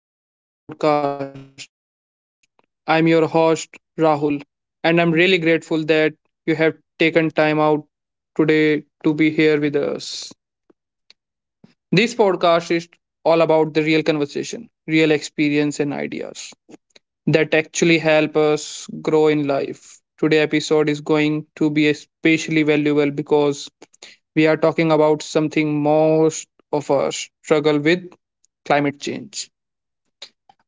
and welcome to the podcast. I'm your host, Rahul, and I'm really grateful that you have taken time out today to be here with us. This podcast is all about the real conversation, real experience, and ideas that actually help us grow in life. Today episode is going to be especially valuable because we are talking about something most of us struggle with climate change.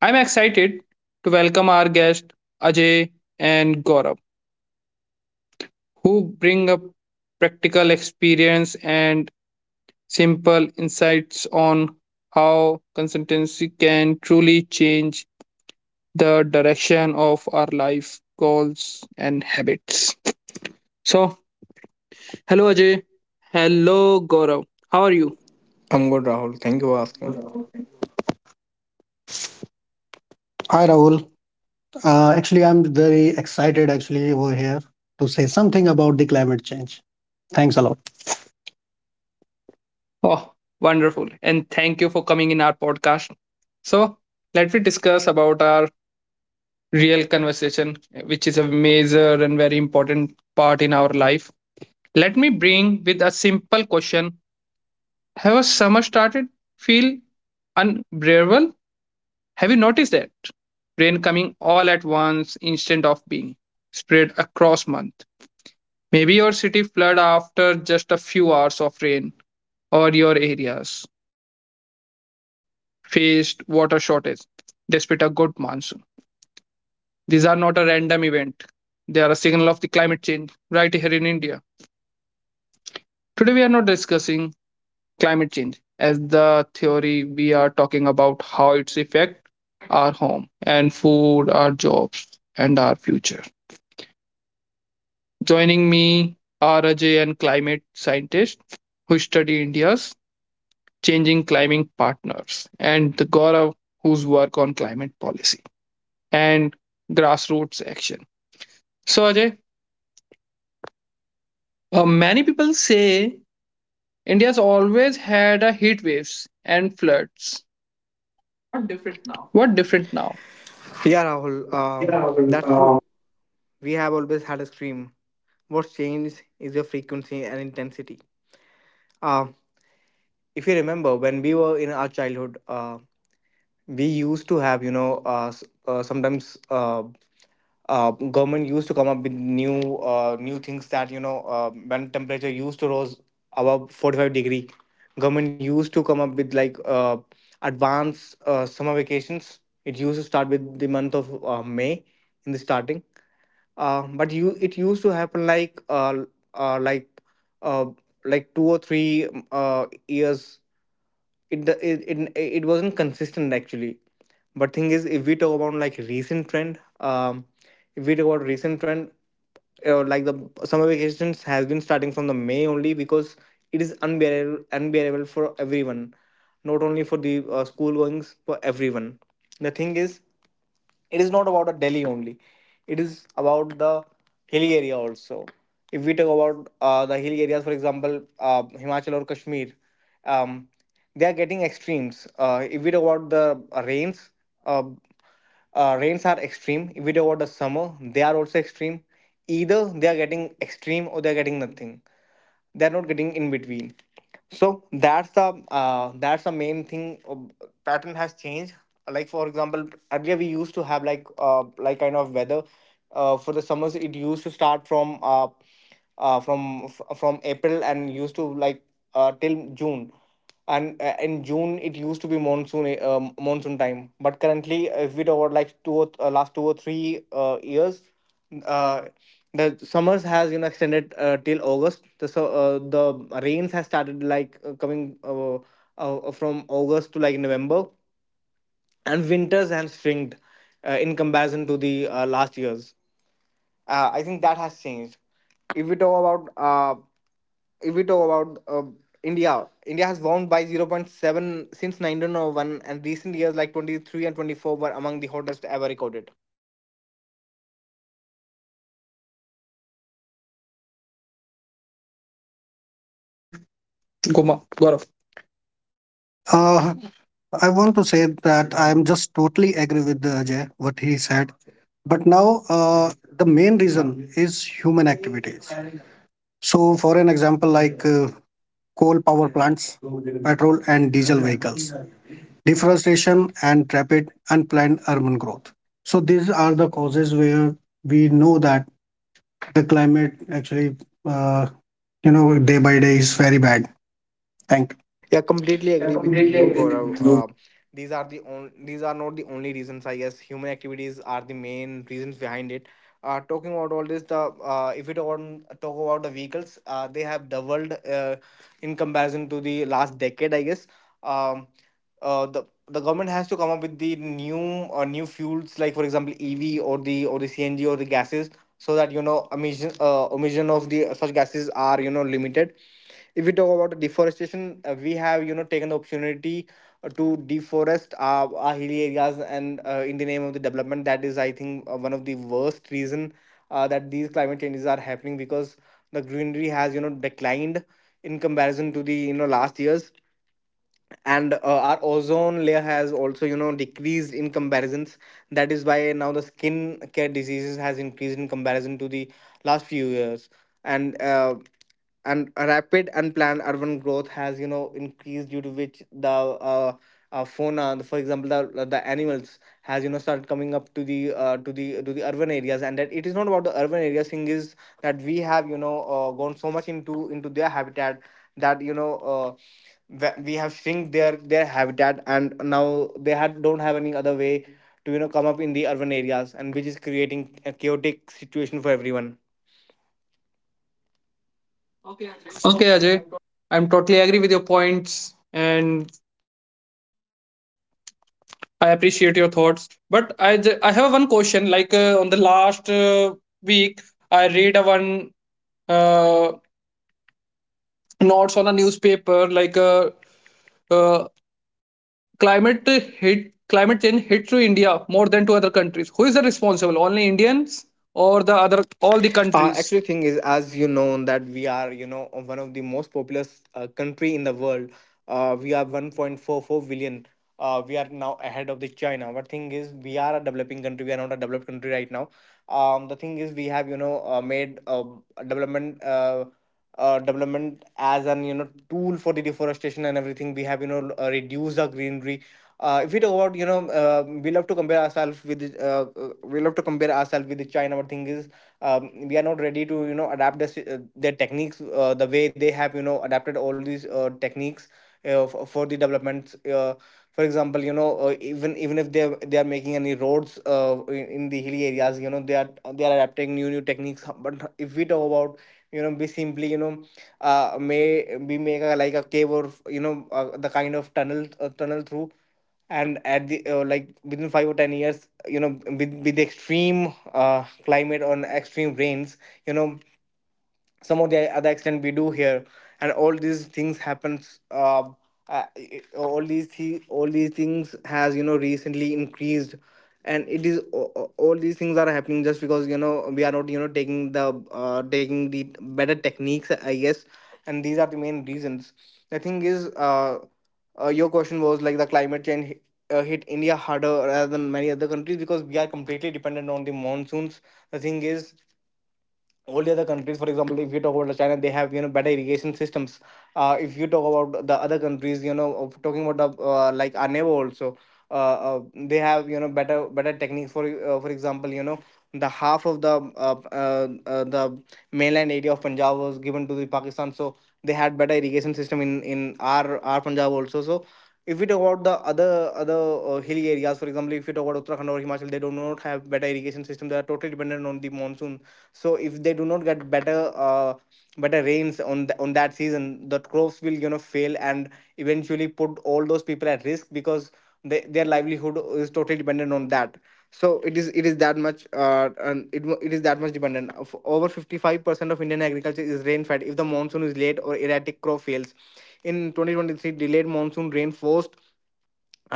I'm excited to welcome our guests, Ajay and Gaurav, who bring up practical experience and simple insights on how consistency can truly change the direction of our life goals and habits. So, hello Ajay. Hello Gaurav. How are you? I'm good, Rahul. Thank you for asking. Hi Rahul. I'm very excited actually over here to say something about the climate change. Thanks a lot. Oh, wonderful. And thank you for coming in our podcast. So, let me discuss about our real conversation, which is a major and very important part in our life. Let me bring with a simple question. Have a summer started? Feel unbearable? Have you noticed that rain coming all at once, instant of being spread across month. Maybe your city flood after just a few hours of rain or your areas faced water shortage despite a good monsoon. These are not a random event. They are a signal of the climate change right here in India. Today we are not discussing climate change as the theory, we are talking about how it's affect our home and food, our jobs and our future. Joining me are Ajay and climate scientist who study India's changing climate partners and the Gaurav whose work on climate policy and grassroots action. So, Ajay, many people say India's always had a heat waves and floods. What different now? What different now? Yeah, Rahul. That's we have always had a scream. What's changed is the frequency and intensity. Uh, if you remember, when we were in our childhood, we used to have sometimes government used to come up with new new things that when temperature used to rose above 45-degree government used to come up with like advanced summer vacations. It used to start with the month of May in the starting, but you it used to happen like uh, like uh, like two or three years. It do- it, it it wasn't consistent actually, but thing is, if we talk about like recent trend, if we talk about recent trend, like the summer vacations has been starting from the May only, because it is unbearable for everyone, not only for the school goings, for everyone. The thing is, it is not about the Delhi only, it is about the hilly area also. If we talk about the hilly areas, for example, Himachal or Kashmir um, they are getting extremes. If we talk about the rains, uh, rains are extreme. If we talk about the summer, they are also extreme. Either they are getting extreme or they are getting nothing. They're not getting in between. So that's the, main thing. Pattern has changed. Like for example, earlier we used to have, like, like kind of weather for the summers. It used to start from April, and used to, like till June. And in June it used to be monsoon time. But currently, if we talk about, like, last two or three years, uh, the summers has extended till August. The rains has started, like, coming from August to, like, November. And winters and spring, in comparison to the last years. I think that has changed. If we talk about, if we talk about uh, India has won by zero point 0.7 since 1901, and recent years like 23 and 24 were among the hottest ever recorded. Ajay, Goma, Gaurav. Uh, I want to say that I am just totally agree with Ajay what he said. But now the main reason is human activities. So, for an example, like coal power plants, petrol and diesel vehicles, deforestation, and rapid unplanned urban growth. So these are the causes where we know that the climate actually, uh, day by day is very bad. Thank you. Yeah, completely I agree with completely you, agree Gaurav. with you. These are not the only reasons. I guess human activities are the main reasons behind it. Talking about all this, the, if we talk, on, talk about the vehicles, they have doubled in comparison to the last decade. I guess, um, the government has to come up with the new, new fuels, like, for example, EV or the CNG or the gases, so that emission, emission of the such gases are limited. If we talk about deforestation, we have taken the opportunity to deforest our hilly areas and, in the name of the development, that is, I think, one of the worst reason, that these climate changes are happening. Because the greenery has declined in comparison to the last years, and our ozone layer has also decreased in comparisons. That is why now the skin care diseases has increased in comparison to the last few years. And uh, and a rapid unplanned urban growth has increased, due to which the, fauna, for example, the animals has started coming up to the to the to the urban areas. And that it is not about the urban areas. Thing is that we have, gone so much into their habitat, that you know that we have shrink their habitat, and now they had don't have any other way to come up in the urban areas, and which is creating a chaotic situation for everyone. Okay, Ajay, I'm totally agree with your points and I appreciate your thoughts. But I have one question. Like on the last week, I read a one uh, notes on a newspaper like uh, climate hit climate change hit to India more than to other countries. Who is the responsible? Only Indians or the other all the Actually, countries? thing is, as you know, that we are one of the most populous country in the world. We are 1.44 billion. We are now ahead of the China. But thing is, we are a developing country. We are not a developed country right now. The thing is, we have made development. Development as an tool for the deforestation and everything. We have reduced our greenery. If we talk about, we love to compare ourselves with China. But thing is, we are not ready to adapt their techniques, the way they have adapted all these techniques, for the developments. For example, even if they are making any roads in the hilly areas, they are adapting new techniques. Huh, but if we talk about, we simply, you know may we make a, like, a cave, or the kind of tunnel, tunnel through, and at the, like, within 5 or 10 years, with extreme climate or extreme rains, you know some of the other extent we do here. And all these things happens, uh, all these things has recently increased. And it is, all these things are happening, just because we are not taking the better techniques, I guess. And these are the main reasons. The thing is, your question was like, the climate change hit India harder rather than many other countries, because we are completely dependent on the monsoons. The thing is, all the other countries, for example, if you talk about China, they have better irrigation systems. If you talk about the other countries, talking about the, like, our neighbor also, uh, uh, they have better techniques for, for example, the half of the mainland area of Punjab was given to the Pakistan. So they had better irrigation system in our Punjab also. So if we talk about the other hilly areas, for example, if you talk about Uttarakhand or Himachal, they do not have better irrigation system. They are totally dependent on the monsoon. So if they do not get better rains on that season, the crops will fail and eventually put all those people at risk, because their livelihood is totally dependent on that. So it is that much, it is that much dependent of over 55% of Indian agriculture is rain fed. If the monsoon is late or erratic, crop fails. In 2023, delayed monsoon rain forced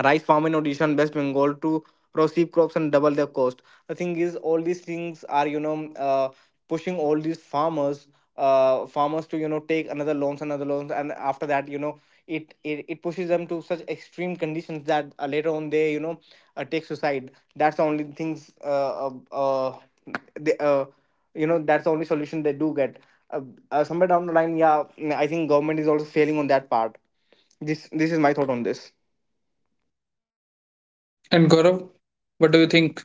rice farm in Odisha and West Bengal to receive crops and double their cost. The thing is, all these things are, pushing all these farmers to take another loans, and after that, it pushes them to such extreme conditions that, later on they take suicide. That's the only things, they, you know that's the only solution they do get. Uh, somewhere down the line, yeah, I think government is also failing on that part. This is my thought on this. And Gaurav, what do you think?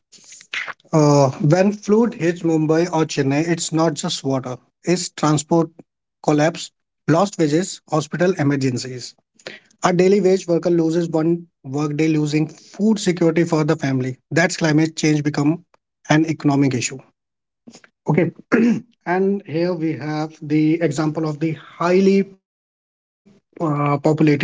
When flood hits Mumbai or Chennai, it's not just water, it's transport collapse, lost wages, hospital emergencies. A daily wage worker loses one workday, losing food security for the family. That's climate change become an economic issue. Okay. And here we have the example of the highly populated city,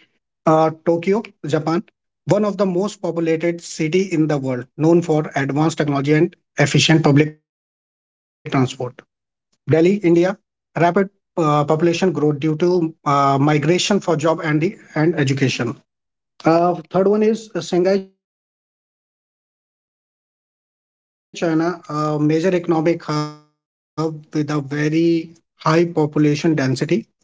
Tokyo, Japan, one of the most populated city in the world, known for advanced technology and efficient public transport. Delhi, India, rapid population growth due to migration for job and the and education. Third one is Shanghai, China, a major economic hub with a very high population density, New York City, USA, global city attracting people from all over the world.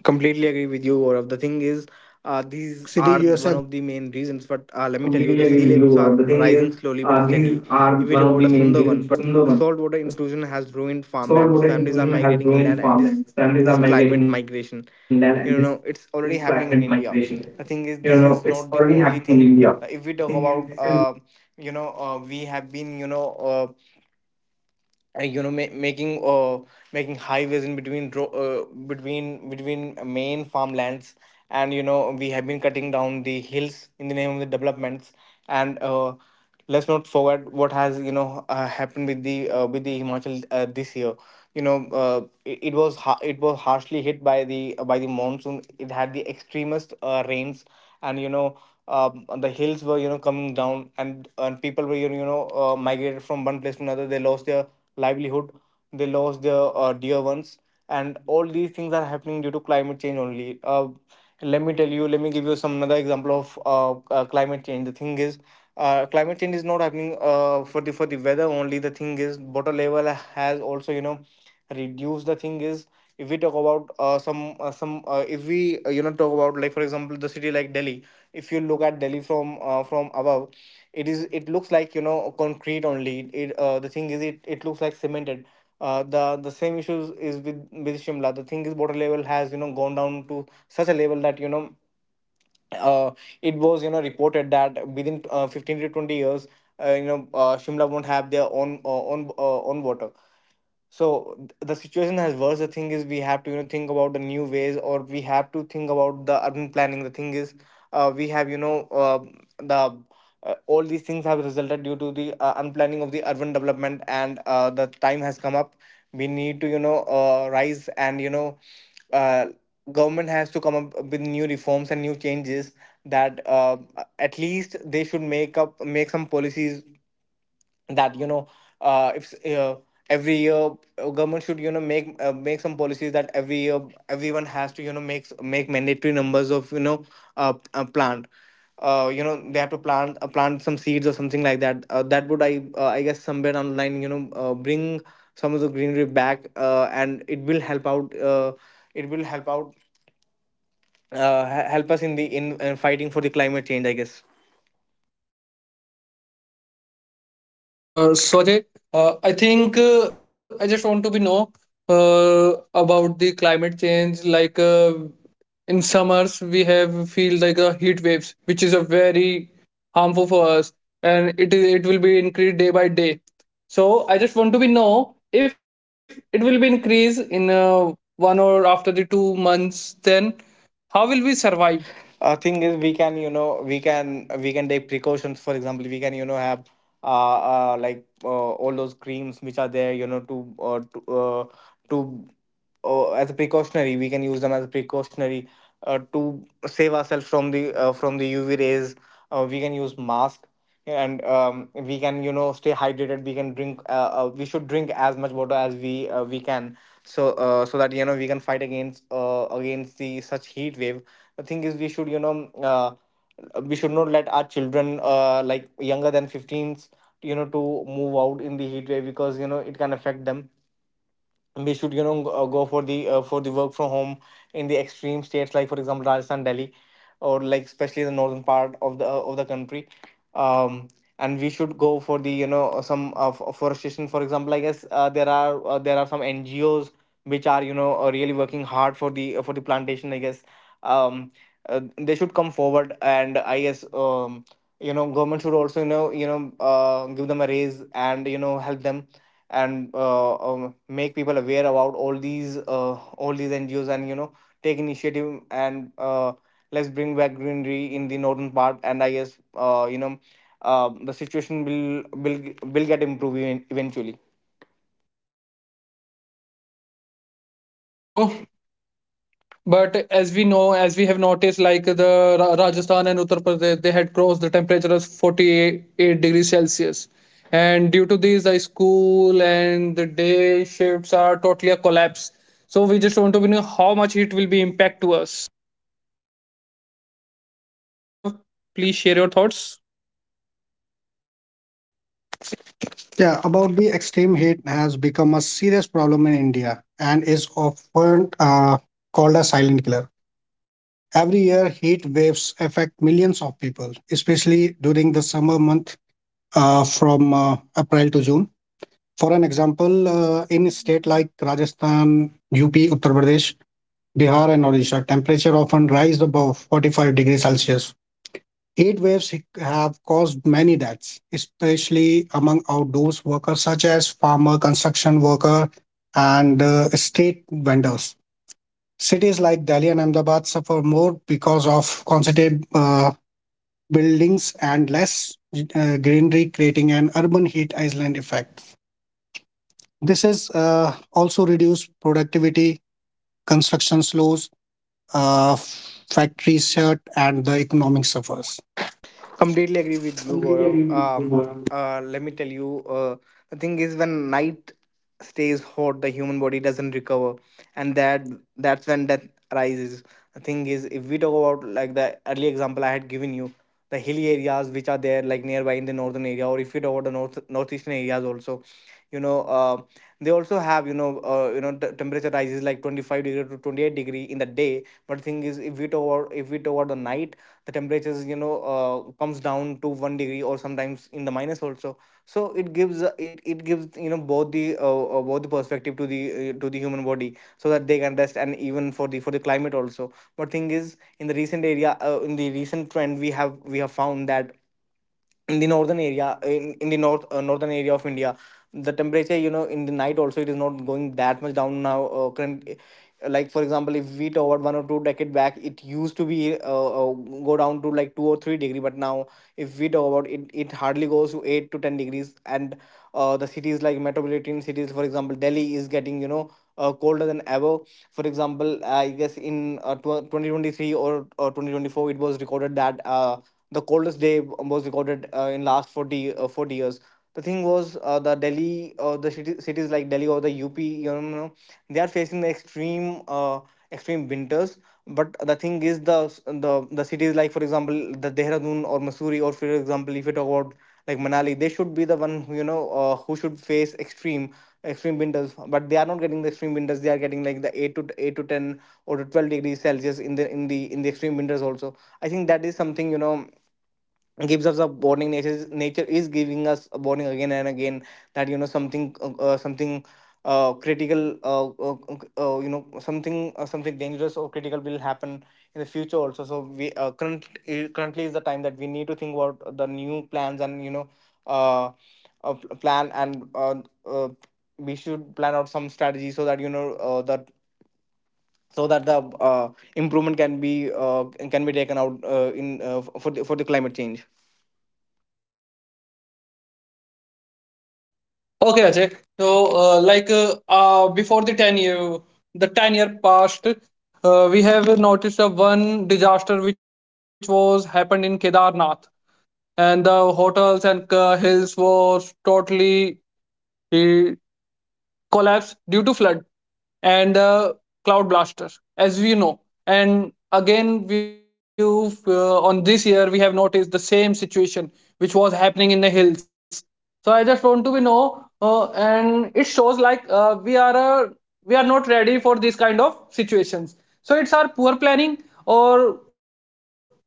Completely agree with you, Gaurav. The Completely thing agree with is, you. The thing is, these are one of the these main are reasons. one of But, the let main me tell you, reasons. the sea But levels let me tell are you, the sea rising levels slowly. But are rising slowly if we but talk about the steadily. If Sundarban, we reward the a single saltwater one, intrusion the has saltwater ruined intrusion farmlands. has Families are ruined migrating farmlands. inland, Families and are this migrating inland, is and this climate is migration. climate migration. It's already You happening know, in it's India. already happening. The thing is, this is not the only thing. If we talk about, we have been, uh, making making highways in between, between main farmlands, and we have been cutting down the hills in the name of the developments. And let's not forget what has happened with the Himachal this year. It was harshly hit by the monsoon. It had the extremest rains. And the hills were coming down, and people were migrated from one place to another. They lost their livelihood. They lost their dear ones, and all these things are happening due to climate change only. Let me tell you, let me give you some another example of climate change. The thing is, climate change is not happening for the weather only. The thing is, water level has also reduced. The thing is, if we talk about some if we talk about, like for example, the city like Delhi. If you look at Delhi from above, it is it looks like concrete only. It The thing is, it looks like cemented. The same issues is with Shimla. The thing is, water level has gone down to such a level that uh, it was reported that within 15 to 20 years, Shimla won't have their own water. So the situation has worse. The thing is, we have to think about the new ways, or we have to think about the urban planning. The thing is, we have you know the all these things have resulted due to the unplanning of the urban development. And the time has come up. We need to rise, and uh, government has to come up with new reforms and new changes, that at least they should make some policies, that if every year government should make some policies, that every year everyone has to make mandatory numbers of you know plant you know they have to plant some seeds or something like that. That would, I guess, somewhere down the line bring some of the greenery back. And it will help out, it will help out help us in fighting for the climate change, I guess. So Ajay, I think I just want to be know uh, about the climate change. Like in summers we have feel like a heat waves which is a very harmful for us and it will be increased day by day, so I just want to be know if it will be increased in one or after the two months, then how will we survive. Thing is, we can take precautions. For example, we can have all those creams which are there, to as a precautionary we can use them as a precautionary, to save ourselves from the UV rays. We can use mask, and we can stay hydrated. We can drink we should drink as much water as we can, so so that we can fight against the such heat wave. The thing is, uh, we should not let our children, like younger than 15s, to move out in the heat wave, because it can affect them. We should go for the work from home in the extreme states, like for example Rajasthan, Delhi, or like especially the northern part of the country. Um, and we should go for the you know some f- forestation. For example, I guess there are some NGOs which are really working hard for the plantation. I guess um, they should come forward, and I guess government should also give them a raise, and help them. And make people aware about all these NGOs, and take initiative. And let's bring back greenery in the northern part, and I guess the situation will get improved eventually. So but as we know, as we have noticed, like the Rajasthan and Uttar Pradesh, they had crossed the temperature of 48 degrees Celsius. And due to these, the school and the day shifts are totally a collapse. So we just want to know how much it will be impact to us. Gaurav, please share your thoughts. Yeah, about the extreme heat has become a serious problem in India and is often called a silent killer. Every year, heat waves affect millions of people, especially during the summer month from April to June. For an example, in a state like Rajasthan, UP, Uttar Pradesh, Bihar, and Odisha, temperature often rise above 45 degrees Celsius. Heat waves have caused many deaths, especially among outdoors workers such as farmer, construction worker, and estate vendors. Cities like Delhi and Ahmedabad suffer more because of concentrated buildings and less greenery, creating an urban heat island effect. This is also reduced productivity, construction slows, factories shut, and the economic suffers. Completely agree with you, Okay, Gaurav. Let me tell you, the thing is, when night stays hot, the human body doesn't recover, and that's when death arises. The thing is, if we talk about, like, the early example I had given you, the hilly areas which are there, like nearby in the northern area, or if you talk about the northeastern areas also, you know, uh, they also have, the temperature rises like 25 degree to 28 degree in the day. But the thing is, if we talk about the night, the temperatures comes down to 1 degree, or sometimes in the minus also, so it gives both the perspective to the human body, so that they can rest, and even for the climate also. But thing is, in the recent trend, we have found that in the northern area, in the north northern area of India, the temperature in the night also, it is not going that much down. Now uh, current uh, like for example, if we talk about 1 or 2 decade back, it used to be go down to like 2 or 3 degree. But now if we talk about it, it hardly goes to 8 to 10 degrees, and the cities, like metropolitan cities, for example Delhi, is getting colder than ever. For example, I guess, in 2023 or 2024, it was recorded that the coldest day was recorded in last 40 years. The thing was, the Delhi or the cities like Delhi or the UP, you know, no, they are facing the extreme winters. But the thing is, the cities like, for example, the Dehradun or Missouri, or for example if you talk about like Manali, they should be the one who who should face extreme winters. But they are not getting the extreme winters. They are getting like the eight to ten or to 12 degrees Celsius in the extreme winters also. I think that is something gives us a warning. Nature is giving us a warning again and again that something something critical you know something something dangerous or critical will happen in the future also. So currently is the time that we need to think about the new plans, and you know uh, pl- plan and uh, we should plan out some strategy, so that so that the improvement can be taken out in for the climate change. Ajay. So, before the ten-year passed, we have noticed one disaster which was happened in Kedarnath, and the hotels and hills was totally uh, collapse due to flood and the cloud blaster as we know, and again we've on this year we have noticed the same situation which was happening in the hills. So I just want to be know and it shows like we are not ready for this kind of situations, so it's our poor planning or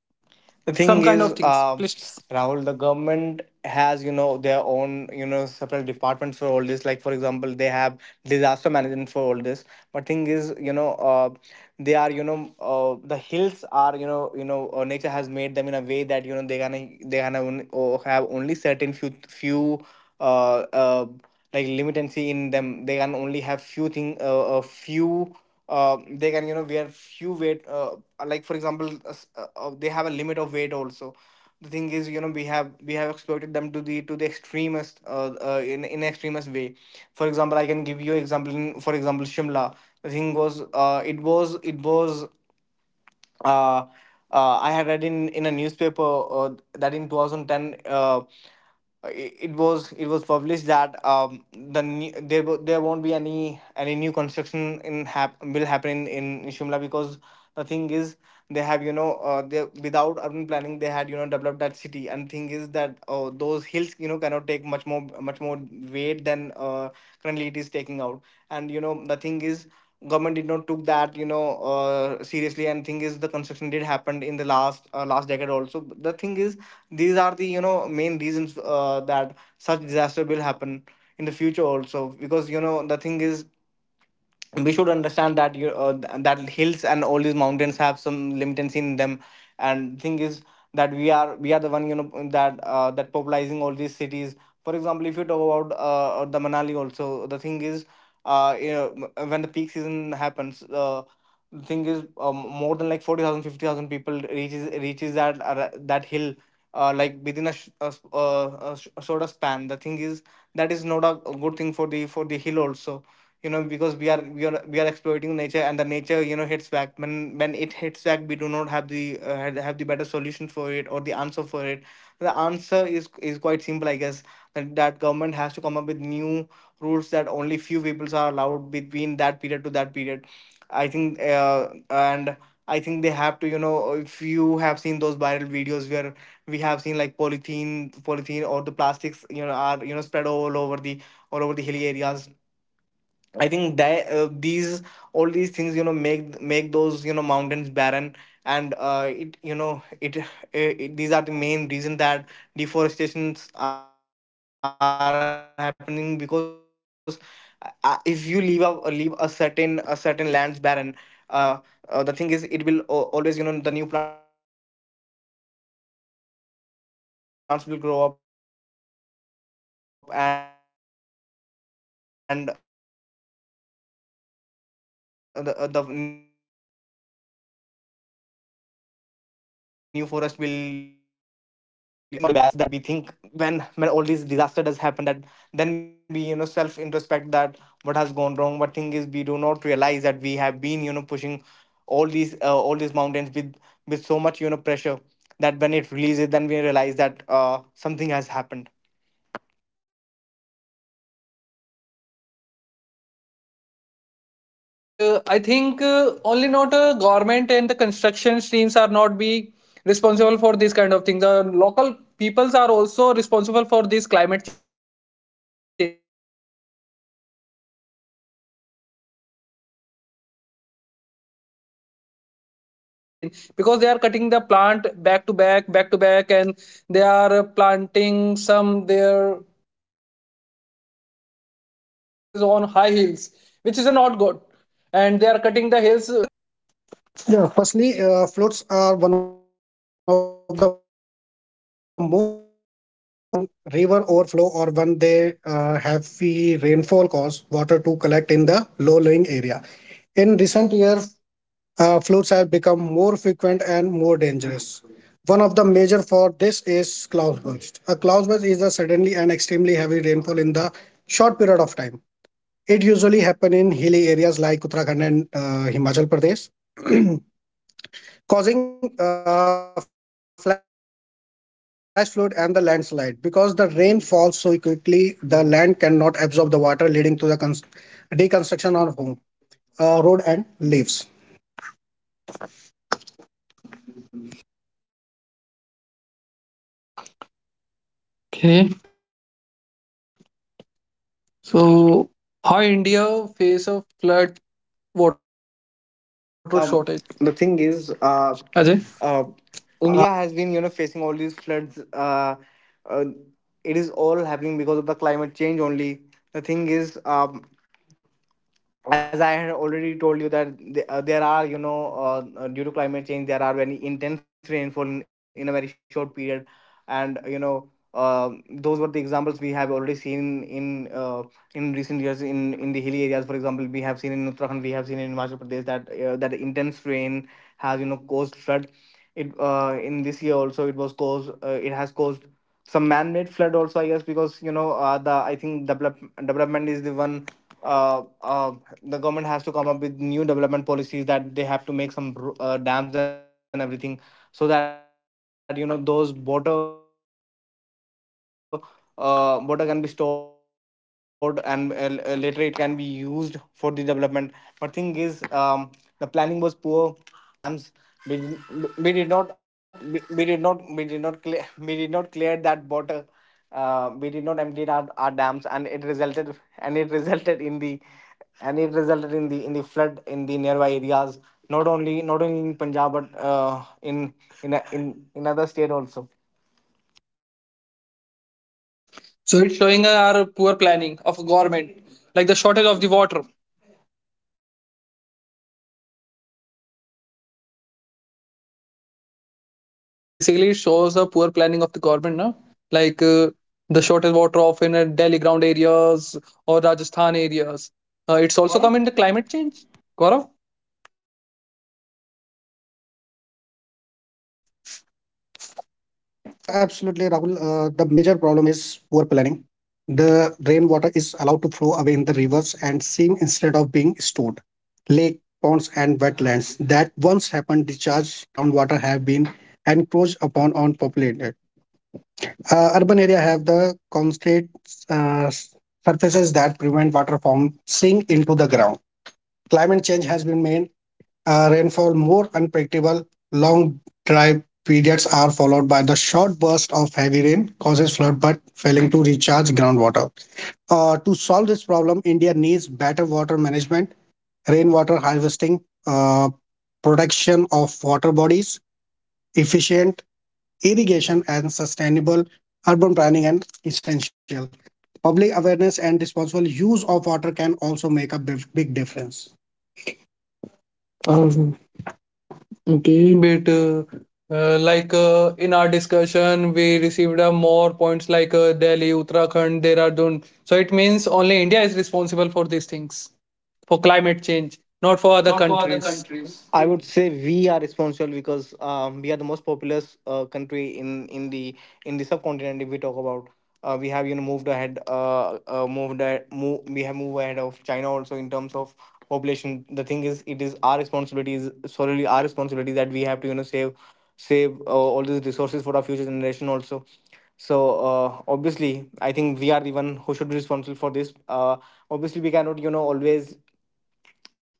some kind of The things. thing is, Please. Rahul, the government has their own separate departments for all this, like for example, they have disaster management for all this. But thing is, the hills are, nature has made them in a way that they're gonna only, have only certain few, uh, uh limitancy in them. They can only have few thing, a few, they can wear few weight. Like for example, they have a limit of weight also. The thing is, we have exploited them to the extremist in extremist way. For example, I can give you example, for example, Shimla. The thing was, it was it was uh, I had read in a newspaper that in 2010, it, it was published that, there won't be any new construction will happen in Shimla, because the thing is, they have you know they, without urban planning, they had developed that city. And thing is that those hills cannot take much more weight than currently it is taking out. And the thing is, government did not took that seriously. And thing is, the construction did happened in the last decade also. But the thing is, these are the main reasons, that such disaster will happen in the future also, because the thing is, we should understand that hills and all these mountains have some limitancy in them, and thing is that we are the one that popularizing all these cities. For example, if you talk about the Manali also, the thing is, when the peak season happens, the thing is, more than like 40,000, 50,000 people reaches that that hill like within a, sh- a, s- a sh- a shorter span, the thing is that is not a good thing for the hill also, you know, because we are exploiting nature and the nature, you know, hits back. When it hits back, we do not have the have the better solution for it or the answer for it. The answer is quite simple, I guess, that government has to come up with new rules that only few peoples are allowed between that period to that period, I think, and I think they have to, you know, if you have seen those viral videos where we have seen like polythene or the plastics, you know, are, you know, spread all over the hilly areas. I think that these all these things, you know, make those, you know, mountains barren, and it, you know, it, these are the main reason that deforestations are happening because if you leave a certain lands barren, uh, the thing is it will, always, you know, the new plants will grow up, and the new forest will, you know, develop on its own. But thing is, if you put a plastic bag there, nothing will, you know, grow up on those areas. And thing is, we have been, you know, pushing all the mountains with so much of these plastics and plastics now and all these poly bags, that we think when all these disaster does happen, that then we, you know, self introspect that what has gone wrong. What thing is, we do not realize that we have been, you know, pushing all these mountains with so much, you know, pressure that when it releases, then we realize that something has happened. Uh, Okay, but I think only not government and the construction teams are not be responsible for this kind of things. The local peoples are also responsible for this climate change because they are cutting the plant back to back, and they are planting some their other factories or they are making their houses on high hills which is not good and they are cutting the hills down to down, so it's also parts of like a climate change. What do you think, Gaurav? Yeah, firstly, floods are one of the most common natural disasters in our country. They occurs when river overflow or when they heavy rainfall cause water to collect in the low-lying area. In recent years, floods have become more frequent and more dangerous. One of the major for this is cloudburst. A cloudburst is the suddenly and extremely heavy rainfall in the short period of time. It usually happens in hilly areas like Uttarakhand and Himachal Pradesh, causing flash flood and the landslide. Because the rain falls so quickly, the land cannot absorb the water, leading to the deconstruction of home, road, and leaves. Okay, so how India face a flood water shortage. Um, the thing Ajay. is, Uh, uh India has been, you know, facing all these floods. Uh it is all happening because of the climate change only. The thing is, um, as I had already told you that there are, you know, due to climate change, there are very intense rainfall in a very short period, and, you know, those were the examples we have already seen in recent years in the hilly areas. For example, we have seen in Uttarakhand, we have seen in Himachal Pradesh, that that intense rain has, you know, caused flood. It, in this year also it was caused. It has caused some man-made flood also, I guess, because, you know, the I think development is the one. uh, uh, the government has to come up with new development policies, that they have to make some dams and everything so that, you know, those water water can be stored, and later it can be used for the development. But thing is, the planning was poor and we could not, you know, store that much water in our dams. We, we did not we did not, we did not clear that water. We did not empty our dams, and it resulted in the flood in the nearby areas, not only in punjab, but in other state also. so it's showing our poor planning of government, like the shortage of the water. So basically, it shows the poor planning of the government, no? Like the shortage water of in Delhi ground areas or Rajasthan areas. It's also Pardon? come in the climate change. Gaurav? Uh, yeah, absolutely, Rahul. The major problem is poor planning. The rainwater is allowed to flow away in the rivers and seam instead of being stored. Lake, ponds, and wetlands that once happened discharge groundwater have been encroached upon on populated. Urban area have the concrete uh, surfaces that prevent water from sink into the ground. Climate change has been made rainfall more unpredictable. Long dry periods are followed by the short burst of heavy rain causes flood but failing to recharge groundwater. To solve this problem, India needs better water management rainwater harvesting, protection of water bodies, efficient irrigation and sustainable urban planning and essential. Public awareness and responsible use of water can also make a big difference. Um, okay, but in our discussion, we received more points like Delhi, Uttarakhand, Dehradun. So it means only India is responsible for these things, for climate change, not Not for for other other countries. countries. I would say we are responsible because, we are the most populous country in the subcontinent. If we talk about, we have, you know, moved ahead, we have moved ahead of China also in terms of population. The thing is, it is our responsibility, is solely our responsibility, that we have to, you know, save all these resources for our future generation also. So, obviously, I think we are the one who should be responsible for this. Obviously, we cannot, you know, always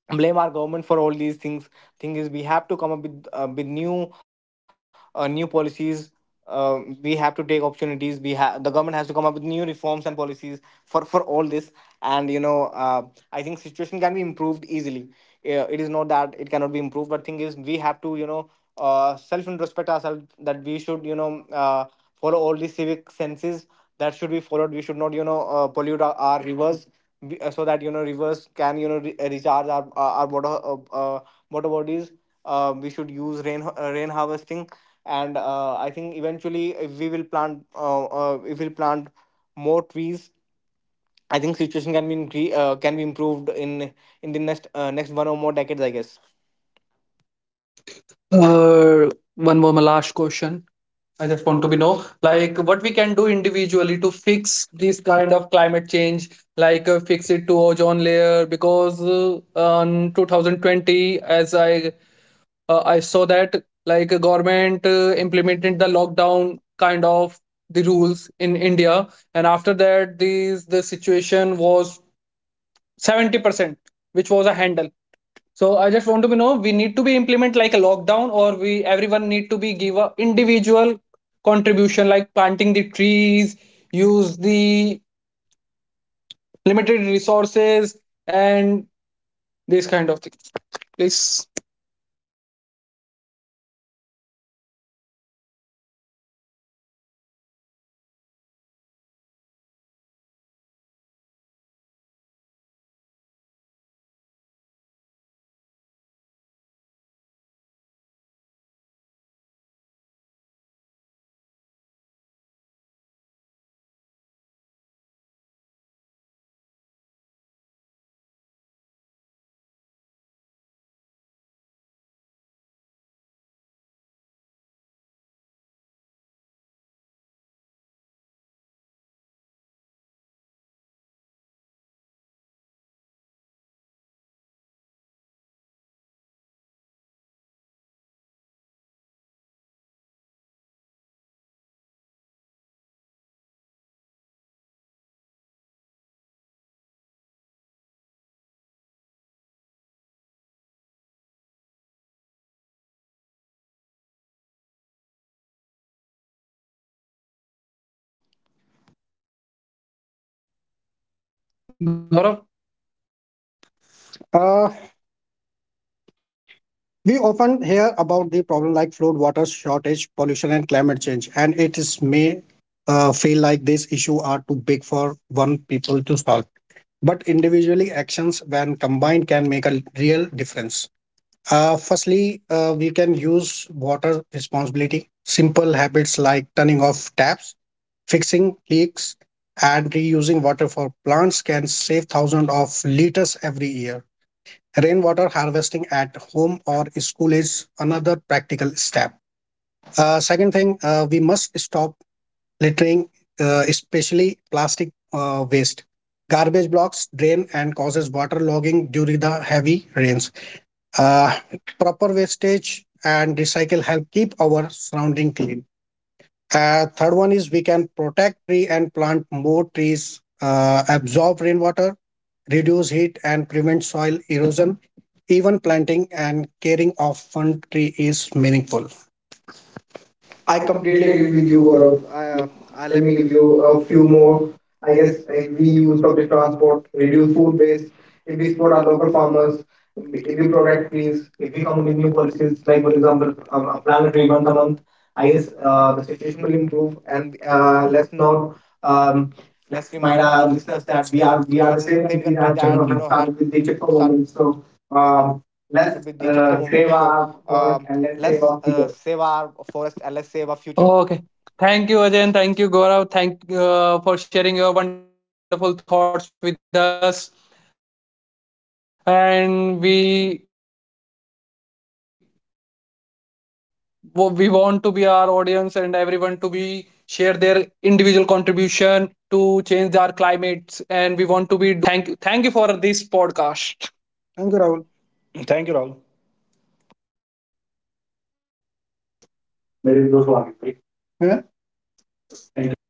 blame our government for all these things. Thing is, we have to come up with new new policies. We have to take opportunities. We have the government has to come up with new reforms and policies for all this. And, you know, I think situation can be improved easily. It is not that it cannot be improved, but thing is, we have to, you know, self introspect ourselves, that we should, you know, follow all the civic senses that should be followed. We should not, you know, pollute our rivers, so that, you know, rivers can, you know, recharge our water uh, water bodies. Um, we should use rain harvesting, and I think eventually if we will plant if we'll plant more trees, I think situation can be can be improved in the next next one or more decades, I guess. One more, my last question. I just want to be know, like, what we can do individually to fix this kind of climate change, like fix it to ozone layer, because on 2020, as I saw that like government implemented the lockdown kind of the rules in India, and after that, these the situation was 70%, which was a handle. So I just want to know, we need to be implement like a lockdown or we everyone need to be give a individual contribution like planting the trees, use the limited resources and this kind of thing. Please, Gaurav. Uh, we often hear about the problem like flood, water shortage, pollution, and climate change, and it is may feel like these issues are too big for one people to solve. But individually, actions when combined can make a real difference. Firstly, we can use water responsibility. Simple habits like turning off taps, fixing leaks, and reusing water for plants can save thousands of liters every year. Rainwater harvesting at home or school is another practical step. Second thing, we must stop littering, especially plastic waste. Garbage blocks drain and causes water logging during the heavy rains. Uh, proper wastage and recycle help keep our surrounding clean. Third one is we can protect tree and plant more trees, absorb rainwater, reduce heat and prevent soil erosion. Even planting and caring of one tree is meaningful. I I completely completely agree agree with with you, you, Gaurav. Gaurav. uh, I, let Let me me give give you you a a few few more. more. I guess If if we we use public transport, reduce would food waste waste, if we support support our our local local farmers, farmers, if if we we protect product trees, trees, if if we we come come up up with with new new policies, policies, like for example, a apply, plant tree once a month, I guess the the situation situation will will improve. improve. And And, let's let's note, not um, um, let's let's remind remind our our listeners listeners that that we are we we are are the the same country country that that, you you know, has had started started with. with the Chipko movement. So, So um, um, let's let's, save save our our forest forest and and let's let's save save our our future. Oh, okay. Thank you, Ajay, and thank you, Gaurav. Thank for sharing your wonderful thoughts with us. And we want to be our audience and everyone to be share their individual contribution to change our climates, and we want to be do for something our nature. Okay. Thank you. Thank you for this podcast. Thank you, Rahul. future. Thank you, Rahul. Thank you, Rahul. मेरे dost waage. Yeah. Thank